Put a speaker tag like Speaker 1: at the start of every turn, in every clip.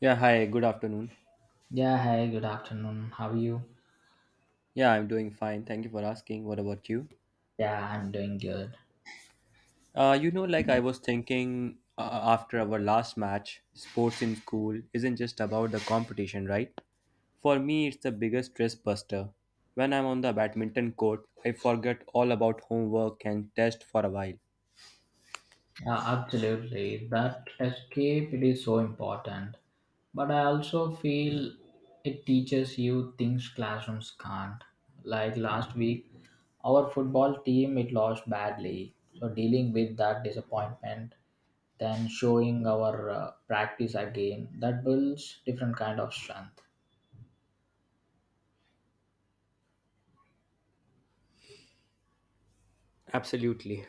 Speaker 1: Yeah, hi, good afternoon.
Speaker 2: Yeah, hi, good afternoon. How are you?
Speaker 1: Yeah, I'm doing fine. Thank you for asking. What about you?
Speaker 2: Yeah, I'm doing good.
Speaker 1: You know, like I was thinking after our last match, sports in school isn't just about the competition, right? For me, it's the biggest stress buster. When I'm on the badminton court, I forget all about homework and test for a while.
Speaker 2: Absolutely. That escape it is so important. But I also feel it teaches you things classrooms can't. Like last week, our football team it lost badly. So dealing with that disappointment, then showing our practice again, that builds different kind of strength.
Speaker 1: Absolutely.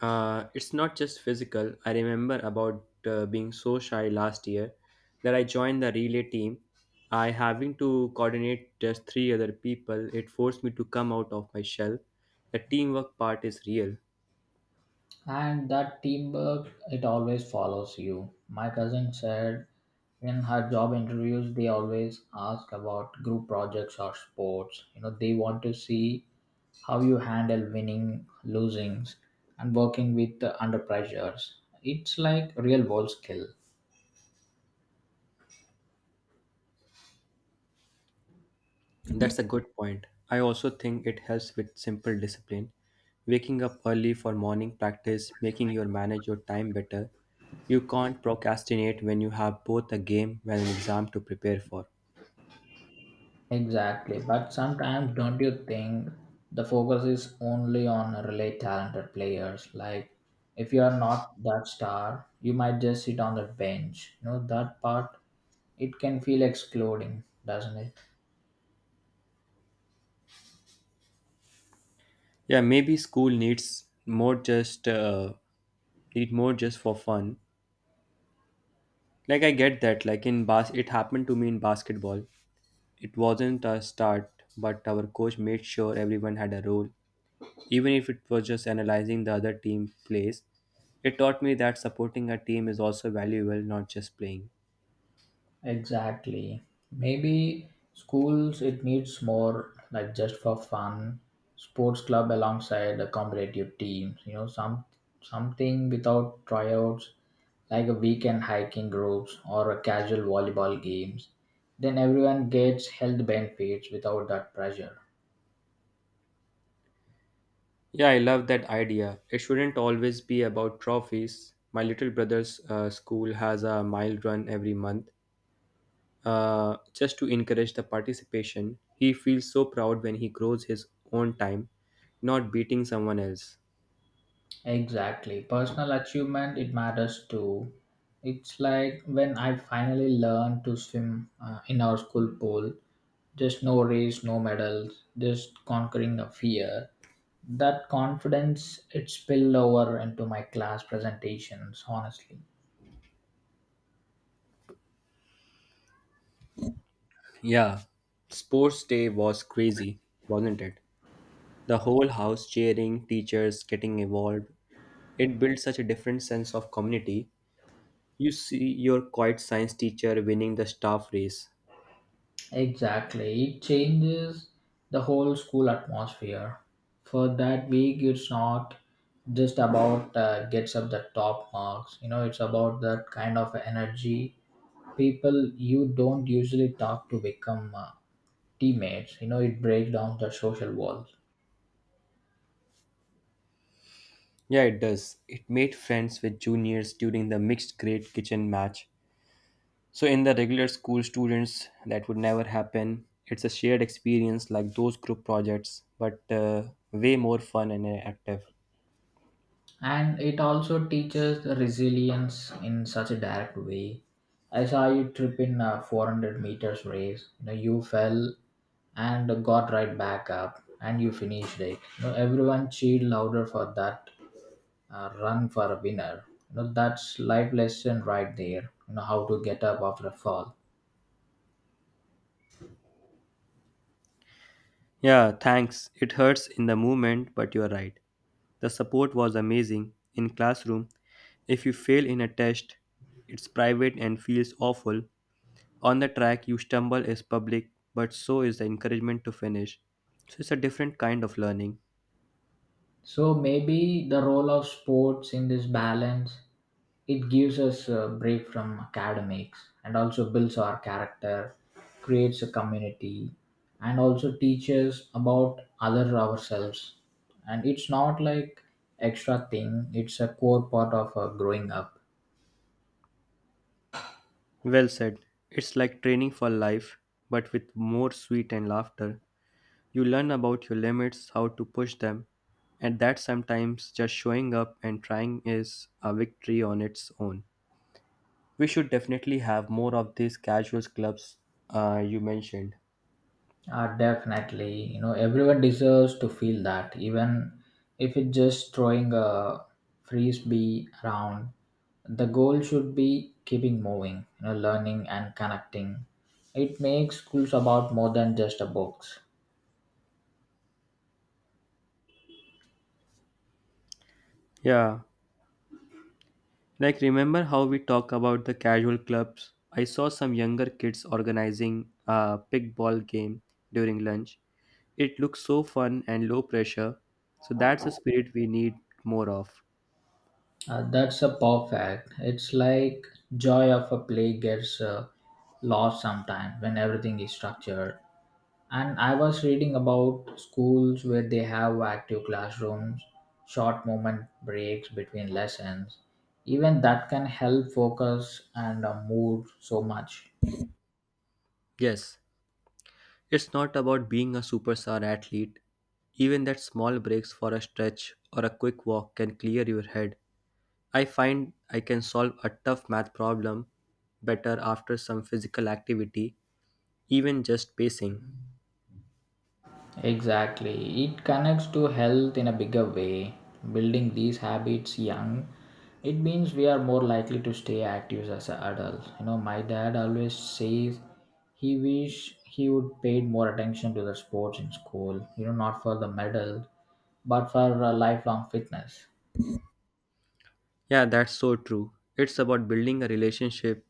Speaker 1: It's not just physical. I remember about being so shy last year that I joined the relay team. I having to coordinate just three other people. It forced me to come out of my shell. The teamwork part is real.
Speaker 2: And that teamwork it always follows you. My cousin said in her job interviews they always ask about group projects or sports, you know, they want to see how you handle winning losings and working with under pressures. It's like real world skill.
Speaker 1: That's a good point. I also think it helps with simple discipline. Waking up early for morning practice, making your manage your time better. You can't procrastinate when you have both a game and an exam to prepare for.
Speaker 2: Exactly, but sometimes don't you think the focus is only on really talented players? Like, if you are not that star, you might just sit on the bench. You know that part, it can feel excluding, doesn't it?
Speaker 1: Yeah, maybe school needs more just need more just for fun. Like I get that. Like in bas, it happened to me in basketball. It wasn't a start, but our coach made sure everyone had a role, even if it was just analyzing the other team plays. It taught me that supporting a team is also valuable, not just playing.
Speaker 2: Exactly. Maybe schools it needs more like just for fun, sports club alongside the competitive teams. You know, something without tryouts, like a weekend hiking groups or a casual volleyball games. Then everyone gets health benefits without that pressure.
Speaker 1: Yeah, I love that idea. It shouldn't always be about trophies. My little brother's school has a mile run every month. Just to encourage the participation, he feels so proud when he grows his own time, not beating someone else.
Speaker 2: Exactly. Personal achievement, it matters too. It's like when I finally learned to swim in our school pool, just no race, no medals, just conquering a fear. That confidence, it spilled over into my class presentations, honestly.
Speaker 1: Yeah, sports day was crazy, wasn't it? The whole house cheering, teachers getting involved. It built such a different sense of community. You see your quiet science teacher winning the staff race.
Speaker 2: Exactly. It changes the whole school atmosphere. For that week, it's not just about gets up the top marks. You know, it's about that kind of energy. People you don't usually talk to become teammates, you know, it breaks down the social walls.
Speaker 1: Yeah, it does. It made friends with juniors during the mixed grade kitchen match. So, in the regular school students, that would never happen. It's a shared experience like those group projects, but way more fun and active.
Speaker 2: And it also teaches the resilience in such a direct way. I saw you trip in a 400 meters race, you know, you fell and got right back up and you finished it, you know, everyone cheered louder for that run for a winner. You know that's life lesson right there, you know, how to get up after a fall.
Speaker 1: Yeah, thanks. It hurts in the moment, but you're right. The support was amazing in classroom. If you fail in a test, it's private and feels awful. On the track, you stumble is public, but so is the encouragement to finish. So it's a different kind of learning.
Speaker 2: So maybe the role of sports in this balance, it gives us a break from academics and also builds our character, creates a community, and also teaches about other ourselves. And it's not like extra thing; it's a core part of growing up.
Speaker 1: Well said. It's like training for life, but with more sweet and laughter. You learn about your limits, how to push them, and that sometimes just showing up and trying is a victory on its own. We should definitely have more of these casuals clubs you mentioned.
Speaker 2: Definitely, you know, everyone deserves to feel that, even if it's just throwing a frisbee around. The goal should be keeping moving, you know, learning and connecting. It makes schools about more than just a books.
Speaker 1: Yeah, like remember how we talk about the casual clubs? I saw some younger kids organizing a pickball game during lunch. It looks so fun and low pressure, so that's a spirit we need more of.
Speaker 2: That's a perfect. It's like joy of a play gets lost sometimes when everything is structured. And I was reading about schools where they have active classrooms, short moment breaks between lessons. Even that can help focus and mood so much.
Speaker 1: Yes, it's not about being a superstar athlete. Even that small breaks for a stretch or a quick walk can clear your head. I find I can solve a tough math problem better after some physical activity, even just pacing.
Speaker 2: Exactly. It connects to health in a bigger way. Building these habits young, it means we are more likely to stay active as an adult. You know, my dad always says he wish he would paid more attention to the sports in school, you know, not for the medal, but for lifelong fitness.
Speaker 1: Yeah, that's so true. It's about building a relationship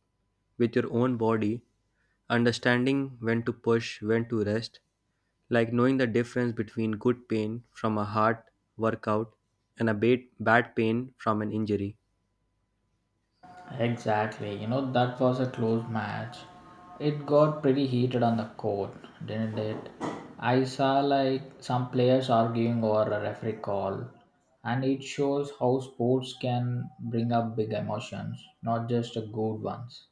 Speaker 1: with your own body, understanding when to push, when to rest, like knowing the difference between good pain from a hard workout and a bad pain from an injury.
Speaker 2: Exactly. You know, that was a close match. It got pretty heated on the court, didn't it? I saw like some players arguing over a referee call, and it shows how sports can bring up big emotions, not just the good ones.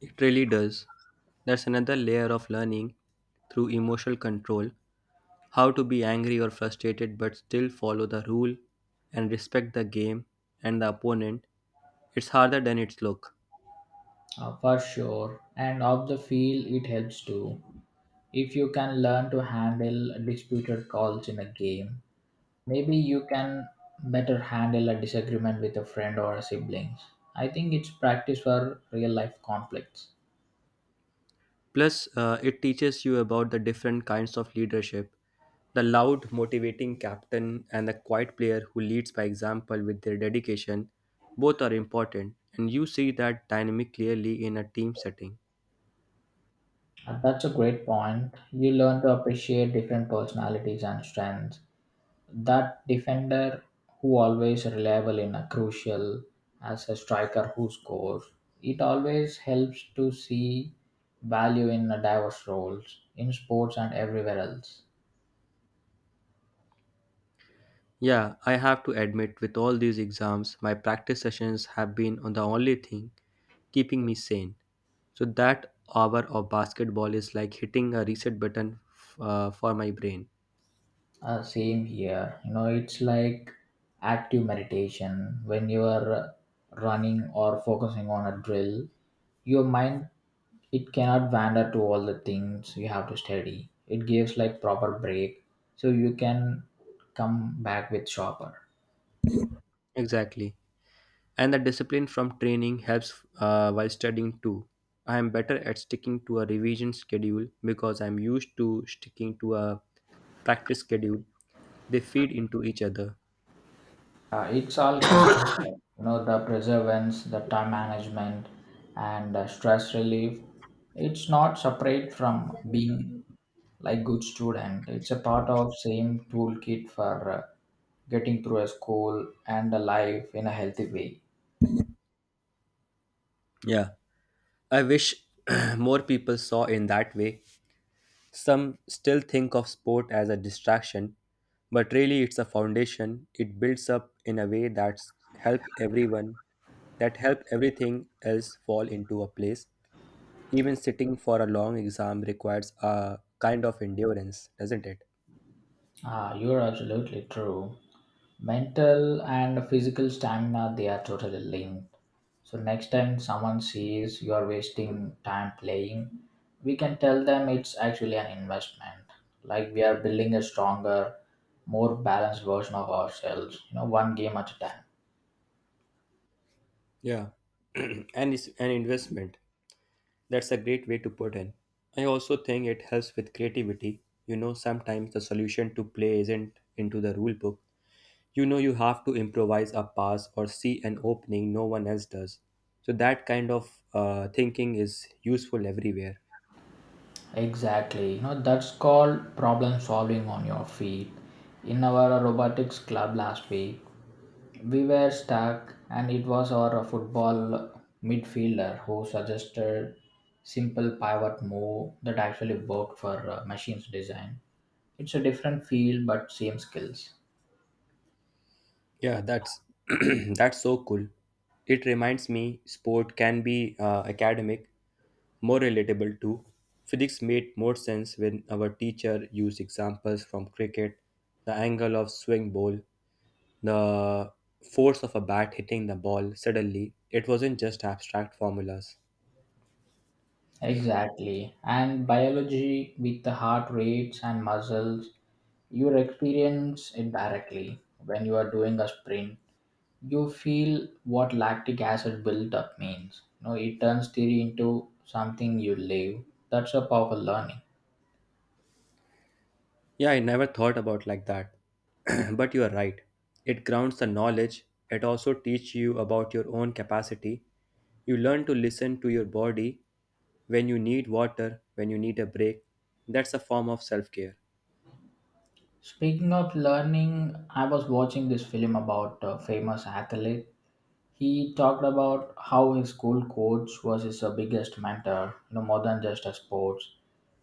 Speaker 1: It really does. That's another layer of learning through emotional control, how to be angry or frustrated but still follow the rule and respect the game and the opponent. It's harder than it's look.
Speaker 2: For sure. And off the field, it helps too. If you can learn to handle disputed calls in a game, maybe you can better handle a disagreement with a friend or a siblings. I think it's practice for real life conflicts.
Speaker 1: Plus, it teaches you about the different kinds of leadership, the loud, motivating captain and the quiet player who leads by example with their dedication. Both are important, and you see that dynamic clearly in a team setting.
Speaker 2: And that's a great point. You learn to appreciate different personalities and strengths. That defender who always reliable in a crucial as a striker who scores. It always helps to see value in a diverse roles in sports and everywhere else.
Speaker 1: Yeah, I have to admit, with all these exams, my practice sessions have been on the only thing keeping me sane. So that hour of basketball is like hitting a reset button for my brain.
Speaker 2: Same here. You know, it's like active meditation. When you are running or focusing on a drill, your mind it cannot wander to all the things you have to study. It gives like proper break, so you can come back with sharper.
Speaker 1: Exactly. And the discipline from training helps while studying too. I am better at sticking to a revision schedule because I'm used to sticking to a practice schedule. They feed into each other.
Speaker 2: It's all connected. You know, the perseverance, the time management, and stress relief. It's not separate from being like good student. It's a part of same toolkit for getting through a school and a life in a healthy way.
Speaker 1: Yeah. I wish more people saw in that way. Some still think of sport as a distraction, but really it's a foundation. It builds up in a way that help everything else fall into a place. Even sitting for a long exam requires a kind of endurance, doesn't it?
Speaker 2: Ah, you're absolutely true. Mental and physical stamina, they are totally linked. So next time someone sees you are wasting time playing, we can tell them it's actually an investment. Like we are building a stronger, more balanced version of ourselves, you know, one game at a time.
Speaker 1: Yeah. And it's an investment. That's a great way to put in. I also think it helps with creativity. You know, sometimes the solution to play isn't into the rule book. You know, you have to improvise a pass or see an opening no one else does. So that kind of thinking is useful everywhere.
Speaker 2: Exactly. You know, that's called problem solving on your feet. In our robotics club last week, we were stuck, and it was our football midfielder who suggested simple pivot move that actually worked for machines design. It's a different field, but same skills.
Speaker 1: Yeah, that's that's so cool. It reminds me, sport can be academic, more relatable too. Physics made more sense when our teacher used examples from cricket, the angle of swing ball, the force of a bat hitting the ball suddenly. It wasn't just abstract formulas.
Speaker 2: Exactly. And biology with the heart rates and muscles, you experience it directly when you are doing a sprint. You feel what lactic acid buildup means. No, it turns theory into something you live. That's a powerful learning.
Speaker 1: Yeah, I never thought about like that. But you are right. It grounds the knowledge. It also teaches you about your own capacity. You learn to listen to your body when you need water, when you need a break. That's a form of self-care.
Speaker 2: Speaking of learning, I was watching this film about a famous athlete. He talked about how his school coach was his biggest mentor, you know, more than just a sports.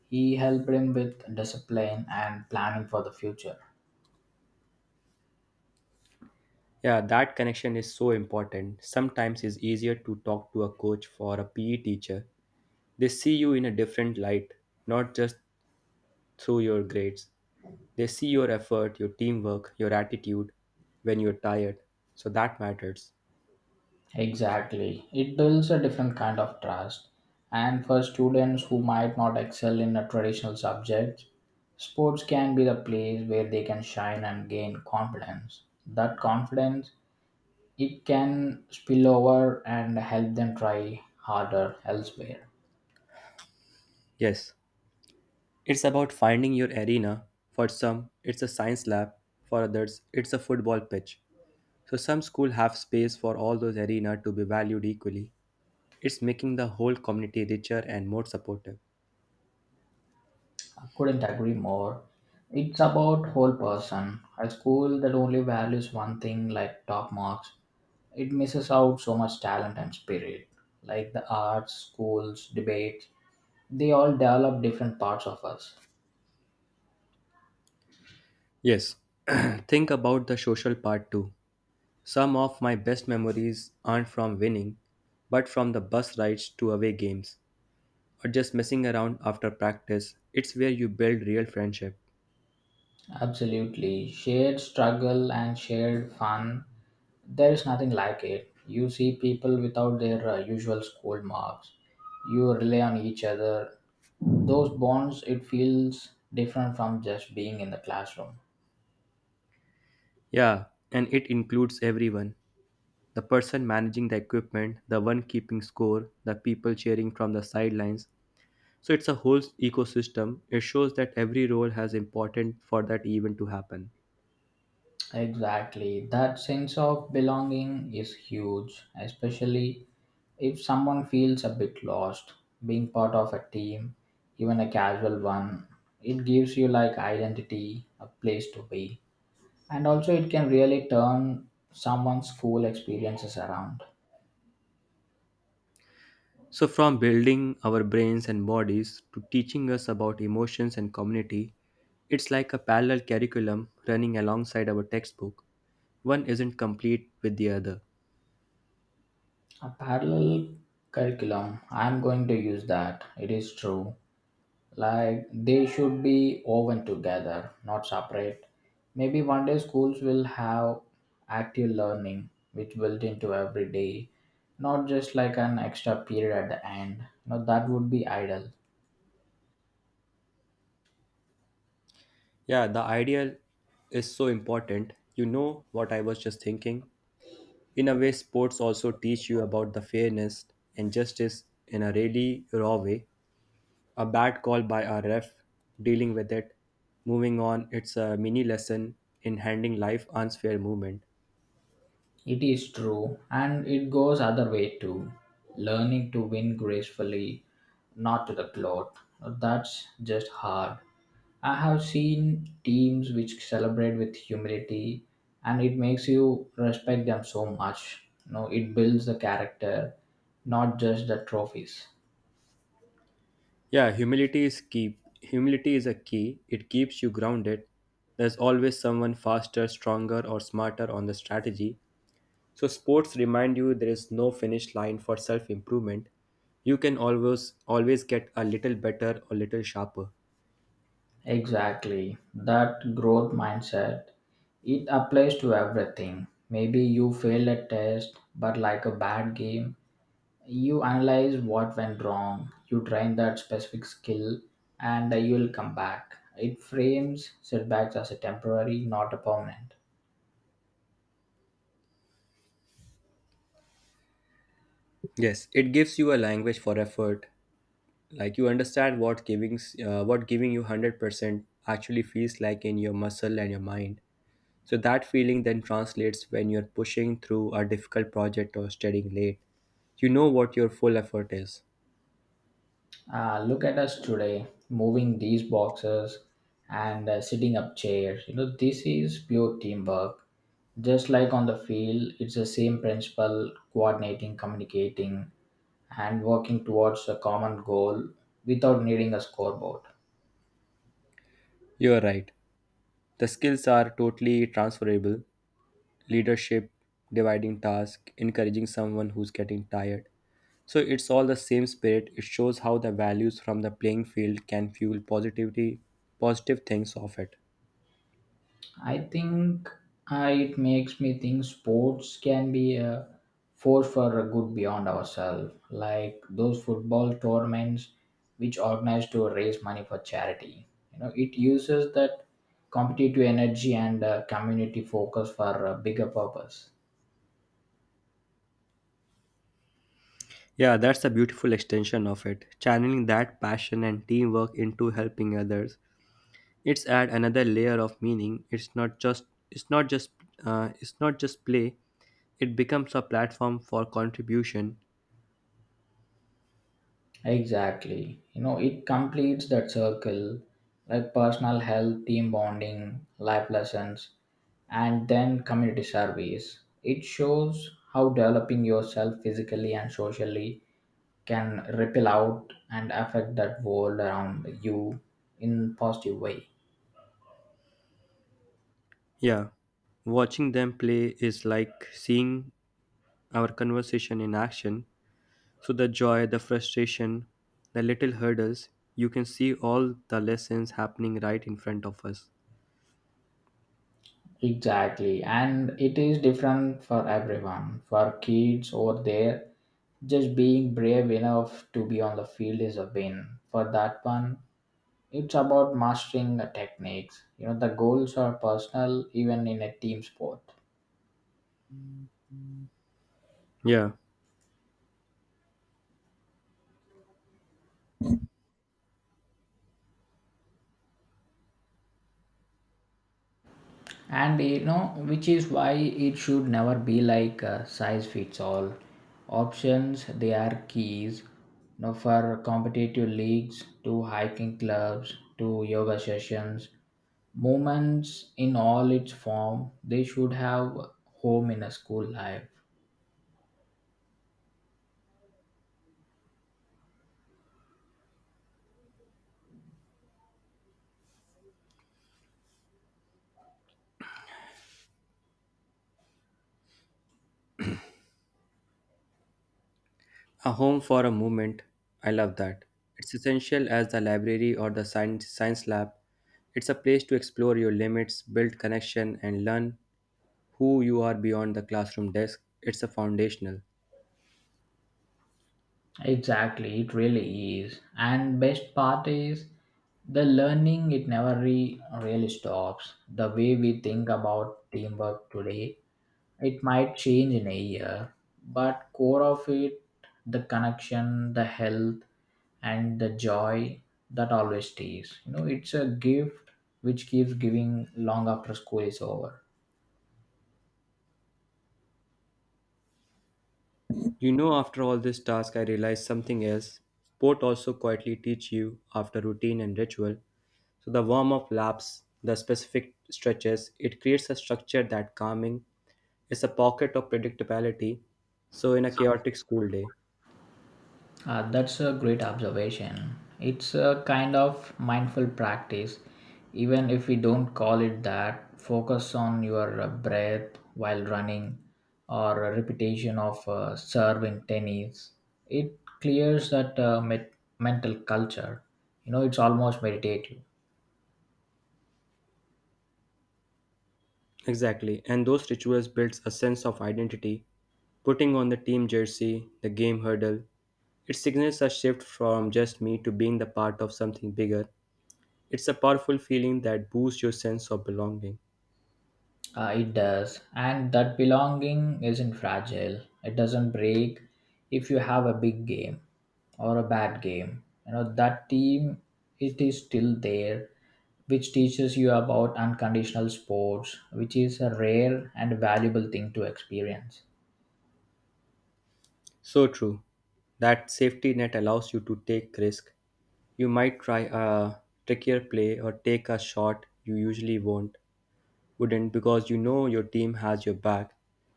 Speaker 2: He helped him with discipline and planning for the future.
Speaker 1: Yeah, that connection is so important. Sometimes it's easier to talk to a coach or a PE teacher. They see you in a different light, not just through your grades. They see your effort, your teamwork, your attitude when you're tired. So that matters.
Speaker 2: Exactly. It builds a different kind of trust. And for students who might not excel in a traditional subject, sports can be the place where they can shine and gain confidence. That confidence it can spill over and help them try harder elsewhere.
Speaker 1: Yes, it's about finding your arena. For some, it's a science lab. For others, it's a football pitch. So some schools have space for all those arena to be valued equally. It's making the whole community richer and more supportive.
Speaker 2: I couldn't agree more. It's about whole person. A school that only values one thing like top marks it misses out so much talent and spirit. Like the arts, schools, debates, they all develop different parts of us.
Speaker 1: Yes, think about the social part too. Some of my best memories aren't from winning, but from the bus rides to away games, or just messing around after practice. It's where you build real friendship.
Speaker 2: Absolutely. Shared struggle and shared fun, there is nothing like it. You see people without their usual school marks, you rely on each other. Those bonds, it feels different from just being in the classroom.
Speaker 1: Yeah, and it includes everyone, the person managing the equipment, the one keeping score, the people cheering from the sidelines. So it's a whole ecosystem. It shows that every role has important for that event to happen.
Speaker 2: Exactly. That sense of belonging is huge, especially if someone feels a bit lost. Being part of a team, even a casual one, it gives you like identity, a place to be. And also, it can really turn someone's school experiences around.
Speaker 1: So from building our brains and bodies to teaching us about emotions and community, it's like a parallel curriculum running alongside our textbook. One isn't complete with the other.
Speaker 2: A parallel curriculum, I'm going to use that. It is true. Like they should be woven together not separate. Maybe one day schools will have active learning which built into every day, not just like an extra period at the end. You know that would be idle.
Speaker 1: Yeah, the ideal is so important. You know what I was just thinking? In a way, sports also teach you about the fairness and justice in a really raw way. A bad call by a ref, dealing with it, moving on, it's a mini lesson in handling life unfair movement.
Speaker 2: It is true and it goes other way too. Learning to win gracefully, not to the cloth, that's just hard. I have seen teams which celebrate with humility, and it makes you respect them so much. You know, it builds the character, not just the trophies.
Speaker 1: Yeah, humility is key. Humility is a key. It keeps you grounded. There's always someone faster, stronger, or smarter on the strategy. So, sports remind you there is no finish line for self improvement. You can always always get a little better or little sharper.
Speaker 2: Exactly. That growth mindset, it applies to everything. Maybe you fail a test, but like a bad game, you analyze what went wrong, you train that specific skill, and you'll come back. It frames setbacks as a temporary, not a permanent.
Speaker 1: Yes, it gives you a language for effort. Like you understand what what giving you 100% actually feels like in your muscle and your mind. So that feeling then translates when you're pushing through a difficult project or studying late. You know what your full effort is.
Speaker 2: Look at us today, moving these boxes and sitting up chairs. You know, this is pure teamwork. Just like on the field, it's the same principle coordinating, communicating, and working towards a common goal without needing a scoreboard.
Speaker 1: You are right. The skills are totally transferable: leadership, dividing tasks, encouraging someone who's getting tired. So it's all the same spirit. It shows how the values from the playing field can fuel positivity, positive things of it.
Speaker 2: I think it makes me think sports can be a force for a good beyond ourselves, like those football tournaments which organize to raise money for charity. You know, it uses that competitive energy and community focus for a bigger purpose.
Speaker 1: Yeah, that's a beautiful extension of it. Channeling that passion and teamwork into helping others. It's add another layer of meaning. It's not just it's not just it's not just play. It becomes a platform for contribution.
Speaker 2: Exactly. You know, it completes that circle like personal health, team bonding, life lessons, and then community service. It shows how developing yourself physically and socially can ripple out and affect that world around you in positive way.
Speaker 1: Yeah, watching them play is like seeing our conversation in action. So the joy, the frustration, the little hurdles, you can see all the lessons happening right in front of us.
Speaker 2: Exactly. And it is different for everyone. For kids over there, just being brave enough to be on the field is a win. For that one, it's about mastering the techniques. You know, the goals are personal even in a team sport.
Speaker 1: Yeah,
Speaker 2: And you know which is why it should never be like a size fits all. Options they are keys, you know, for competitive leagues to hiking clubs to yoga sessions, movements in all its form, they should have home in a school life.
Speaker 1: a home for a moment. I love that. It's essential as the library or the science lab. It's a place to explore your limits, build connection, and learn who you are beyond the classroom desk. It's a foundational.
Speaker 2: Exactly, it really is. And best part is the learning it never really stops. The way we think about teamwork today, it might change in a year, but core of it, the connection, the health and the joy, that always stays. You know, it's a gift which keeps giving long after school is over.
Speaker 1: You know, after all this task, I realized something else. Sport also quietly teach you after routine and ritual. So the warm up laps, the specific stretches, it creates a structure that calming is a pocket of predictability. So in a chaotic school day,
Speaker 2: That's a great observation. It's a kind of mindful practice, even if we don't call it that. Focus on your breath while running or a repetition of serve in tennis. It clears that mental culture. You know, it's almost meditative.
Speaker 1: exactly. And those rituals builds a sense of identity. Putting on the team jersey, the game hurdle, it signals a shift from just me to being the part of something bigger. It's a powerful feeling that boosts your sense of belonging.
Speaker 2: It does. And that belonging isn't fragile. It doesn't break if you have a big game or a bad game. You know, that team, it is still there, which teaches you about unconditional sports, which is a rare and valuable thing to experience.
Speaker 1: So true. That safety net allows you to take risk. You might try a trickier play or take a shot you usually won't wouldn't because you know your team has your back.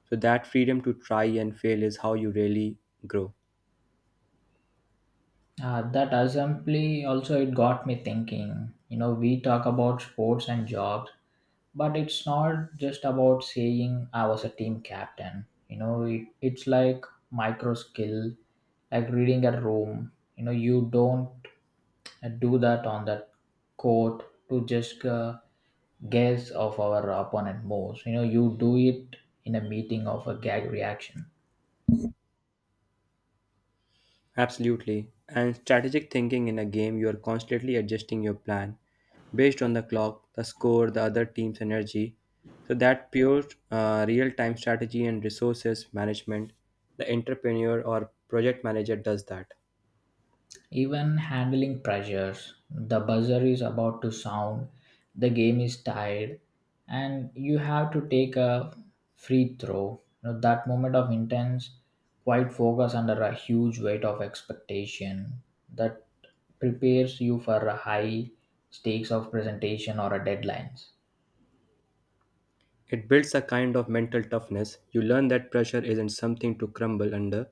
Speaker 1: So that freedom to try and fail is how you really grow.
Speaker 2: That assembly also it got me thinking. You know, we talk about sports and jobs, but it's not just about saying I was a team captain. You know it's like micro skill, like reading a room. You know, you don't do that on that court to just guess of our opponent moves. You know, you do it in a meeting of a gag reaction.
Speaker 1: Absolutely. And strategic thinking in a game, you are constantly adjusting your plan based on the clock, the score, the other team's energy. So that pure real-time strategy and resources management, the entrepreneur or project manager does that.
Speaker 2: Even handling pressures, the buzzer is about to sound, the game is tied, and you have to take a free throw. You know, that moment of intense, quiet focus under a huge weight of expectation that prepares you for a high stakes of presentation or a deadlines.
Speaker 1: It builds a kind of mental toughness. You learn that pressure isn't something to crumble under.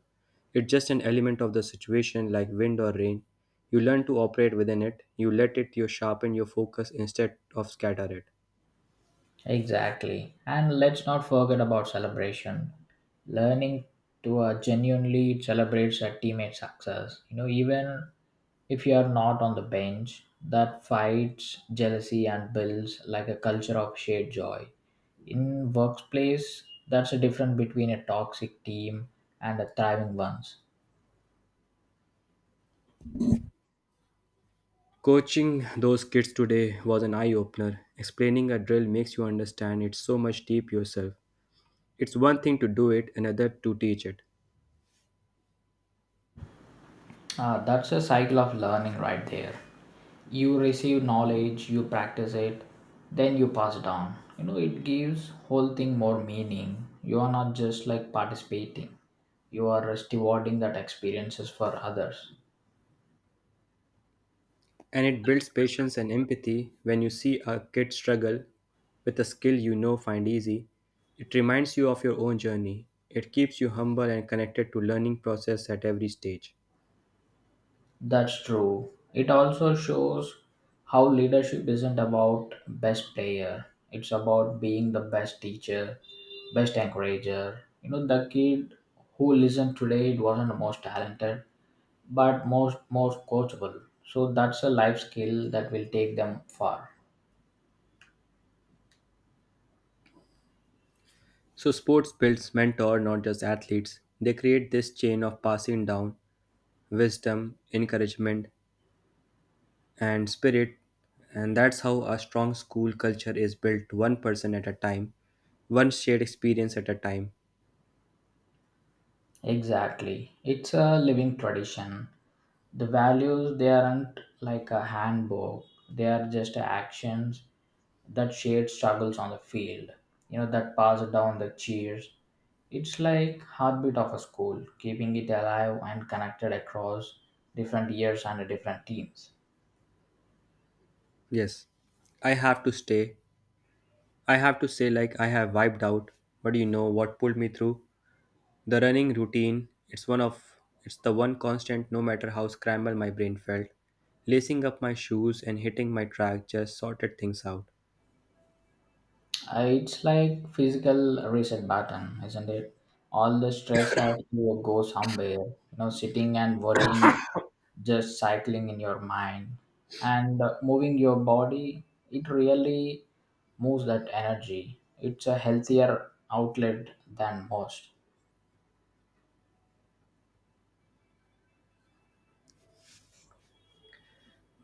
Speaker 1: It's just an element of the situation like wind or rain. You learn to operate within it. You let it you sharpen your focus instead of scatter it.
Speaker 2: Exactly. And let's not forget about celebration. Learning to genuinely celebrate a teammate's success. You know, even if you are not on the bench, that fights jealousy and builds like a culture of shared joy. In workplace, that's a difference between a toxic team and a thriving ones.
Speaker 1: Coaching those kids today was an eye opener. Explaining a drill makes you understand it so much deep yourself. It's one thing to do it, another to teach it.
Speaker 2: That's a cycle of learning right there. You receive knowledge, you practice it, then you pass it on. You know, it gives whole thing more meaning. You are not just like participating. You are stewarding that experiences for others.
Speaker 1: And it builds patience and empathy when you see a kid struggle with a skill you know find easy. It reminds you of your own journey. It keeps you humble and connected to learning process at every stage.
Speaker 2: That's true. It also shows how leadership isn't about best player. It's about being the best teacher, best encourager. You know, the kid who listened today, it wasn't the most talented but most coachable. So that's a life skill that will take them far.
Speaker 1: So sports builds mentor not just athletes. They create this chain of passing down wisdom, encouragement, and spirit. And that's how a strong school culture is built one person at a time, one shared experience at a time.
Speaker 2: Exactly, it's a living tradition. The values, they aren't like a handbook, they are just actions. That shared struggles on the field, you know, that pass down the cheers, it's like heartbeat of a school, keeping it alive and connected across different years and different teams.
Speaker 1: Yes, I have to stay. I have to say, like, I have wiped out, but you know what pulled me through? The running routine. It's the one constant no matter how scrambled my brain felt. Lacing up my shoes and hitting my track just sorted things out.
Speaker 2: It's like physical reset button, isn't it? All the stress has to go somewhere. You know, sitting and worrying, just cycling in your mind and moving your body. It really moves that energy. It's a healthier outlet than most.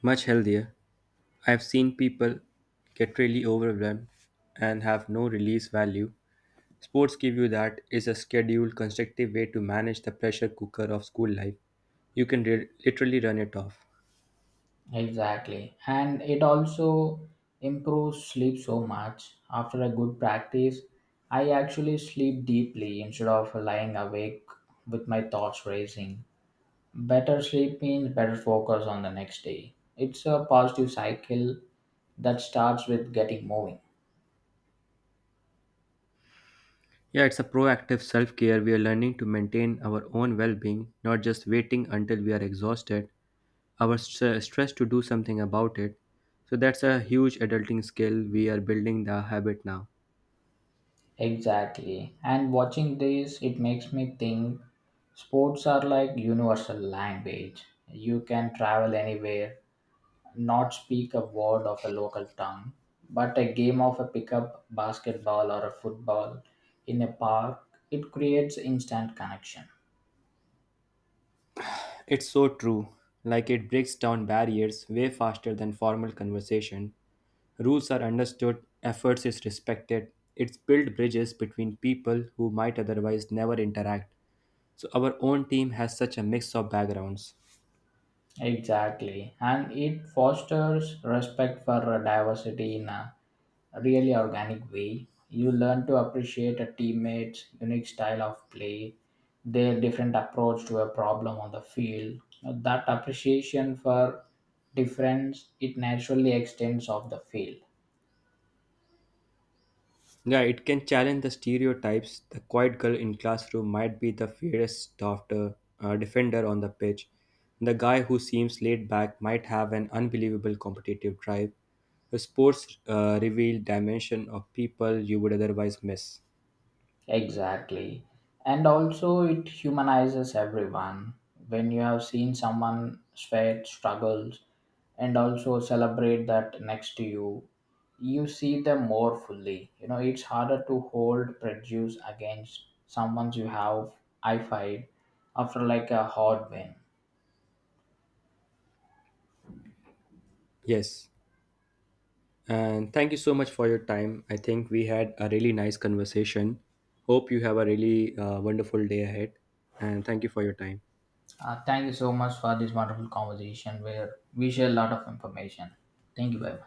Speaker 1: Much healthier. I've seen people get really overwhelmed and have no release value. Sports give you that is a scheduled, constructive way to manage the pressure cooker of school life. You can literally run it off.
Speaker 2: Exactly, and it also improves sleep so much. After a good practice, I actually sleep deeply instead of lying awake with my thoughts racing. Better sleep means better focus on the next day. It's a positive cycle that starts with getting moving.
Speaker 1: Yeah, it's a proactive self care. We are learning to maintain our own well being, not just waiting until we are exhausted, our stress to do something about it. So that's a huge adulting skill. We are building the habit now.
Speaker 2: Exactly. And watching this, it makes me think sports are like universal language. You can travel anywhere, not speak a word of a local tongue, but a game of a pickup basketball or a football in a park, it creates instant connection.
Speaker 1: It's so true. Like it breaks down barriers way faster than formal conversation. Rules are understood, efforts is respected. It's built bridges between people who might otherwise never interact. So our own team has such a mix of backgrounds.
Speaker 2: Exactly, and it fosters respect for diversity in a really organic way. You learn to appreciate a teammate's unique style of play, their different approach to a problem on the field. Now, that appreciation for difference, it naturally extends off the field.
Speaker 1: Yeah, it can challenge the stereotypes. The quiet girl in classroom might be the fiercest after defender on the pitch. The guy who seems laid back might have an unbelievable competitive drive. The sports reveal dimension of people you would otherwise miss.
Speaker 2: Exactly. And also, it humanizes everyone. When you have seen someone sweat, struggles, and also celebrate that next to you, you see them more fully. You know, it's harder to hold prejudice against someone you have I fight after like a hard win.
Speaker 1: Yes. And thank you so much for your time. I think we had a really nice conversation. Hope you have a really wonderful day ahead. And thank you for your time.
Speaker 2: Thank you so much for this wonderful conversation where we share a lot of information. Thank you, bye.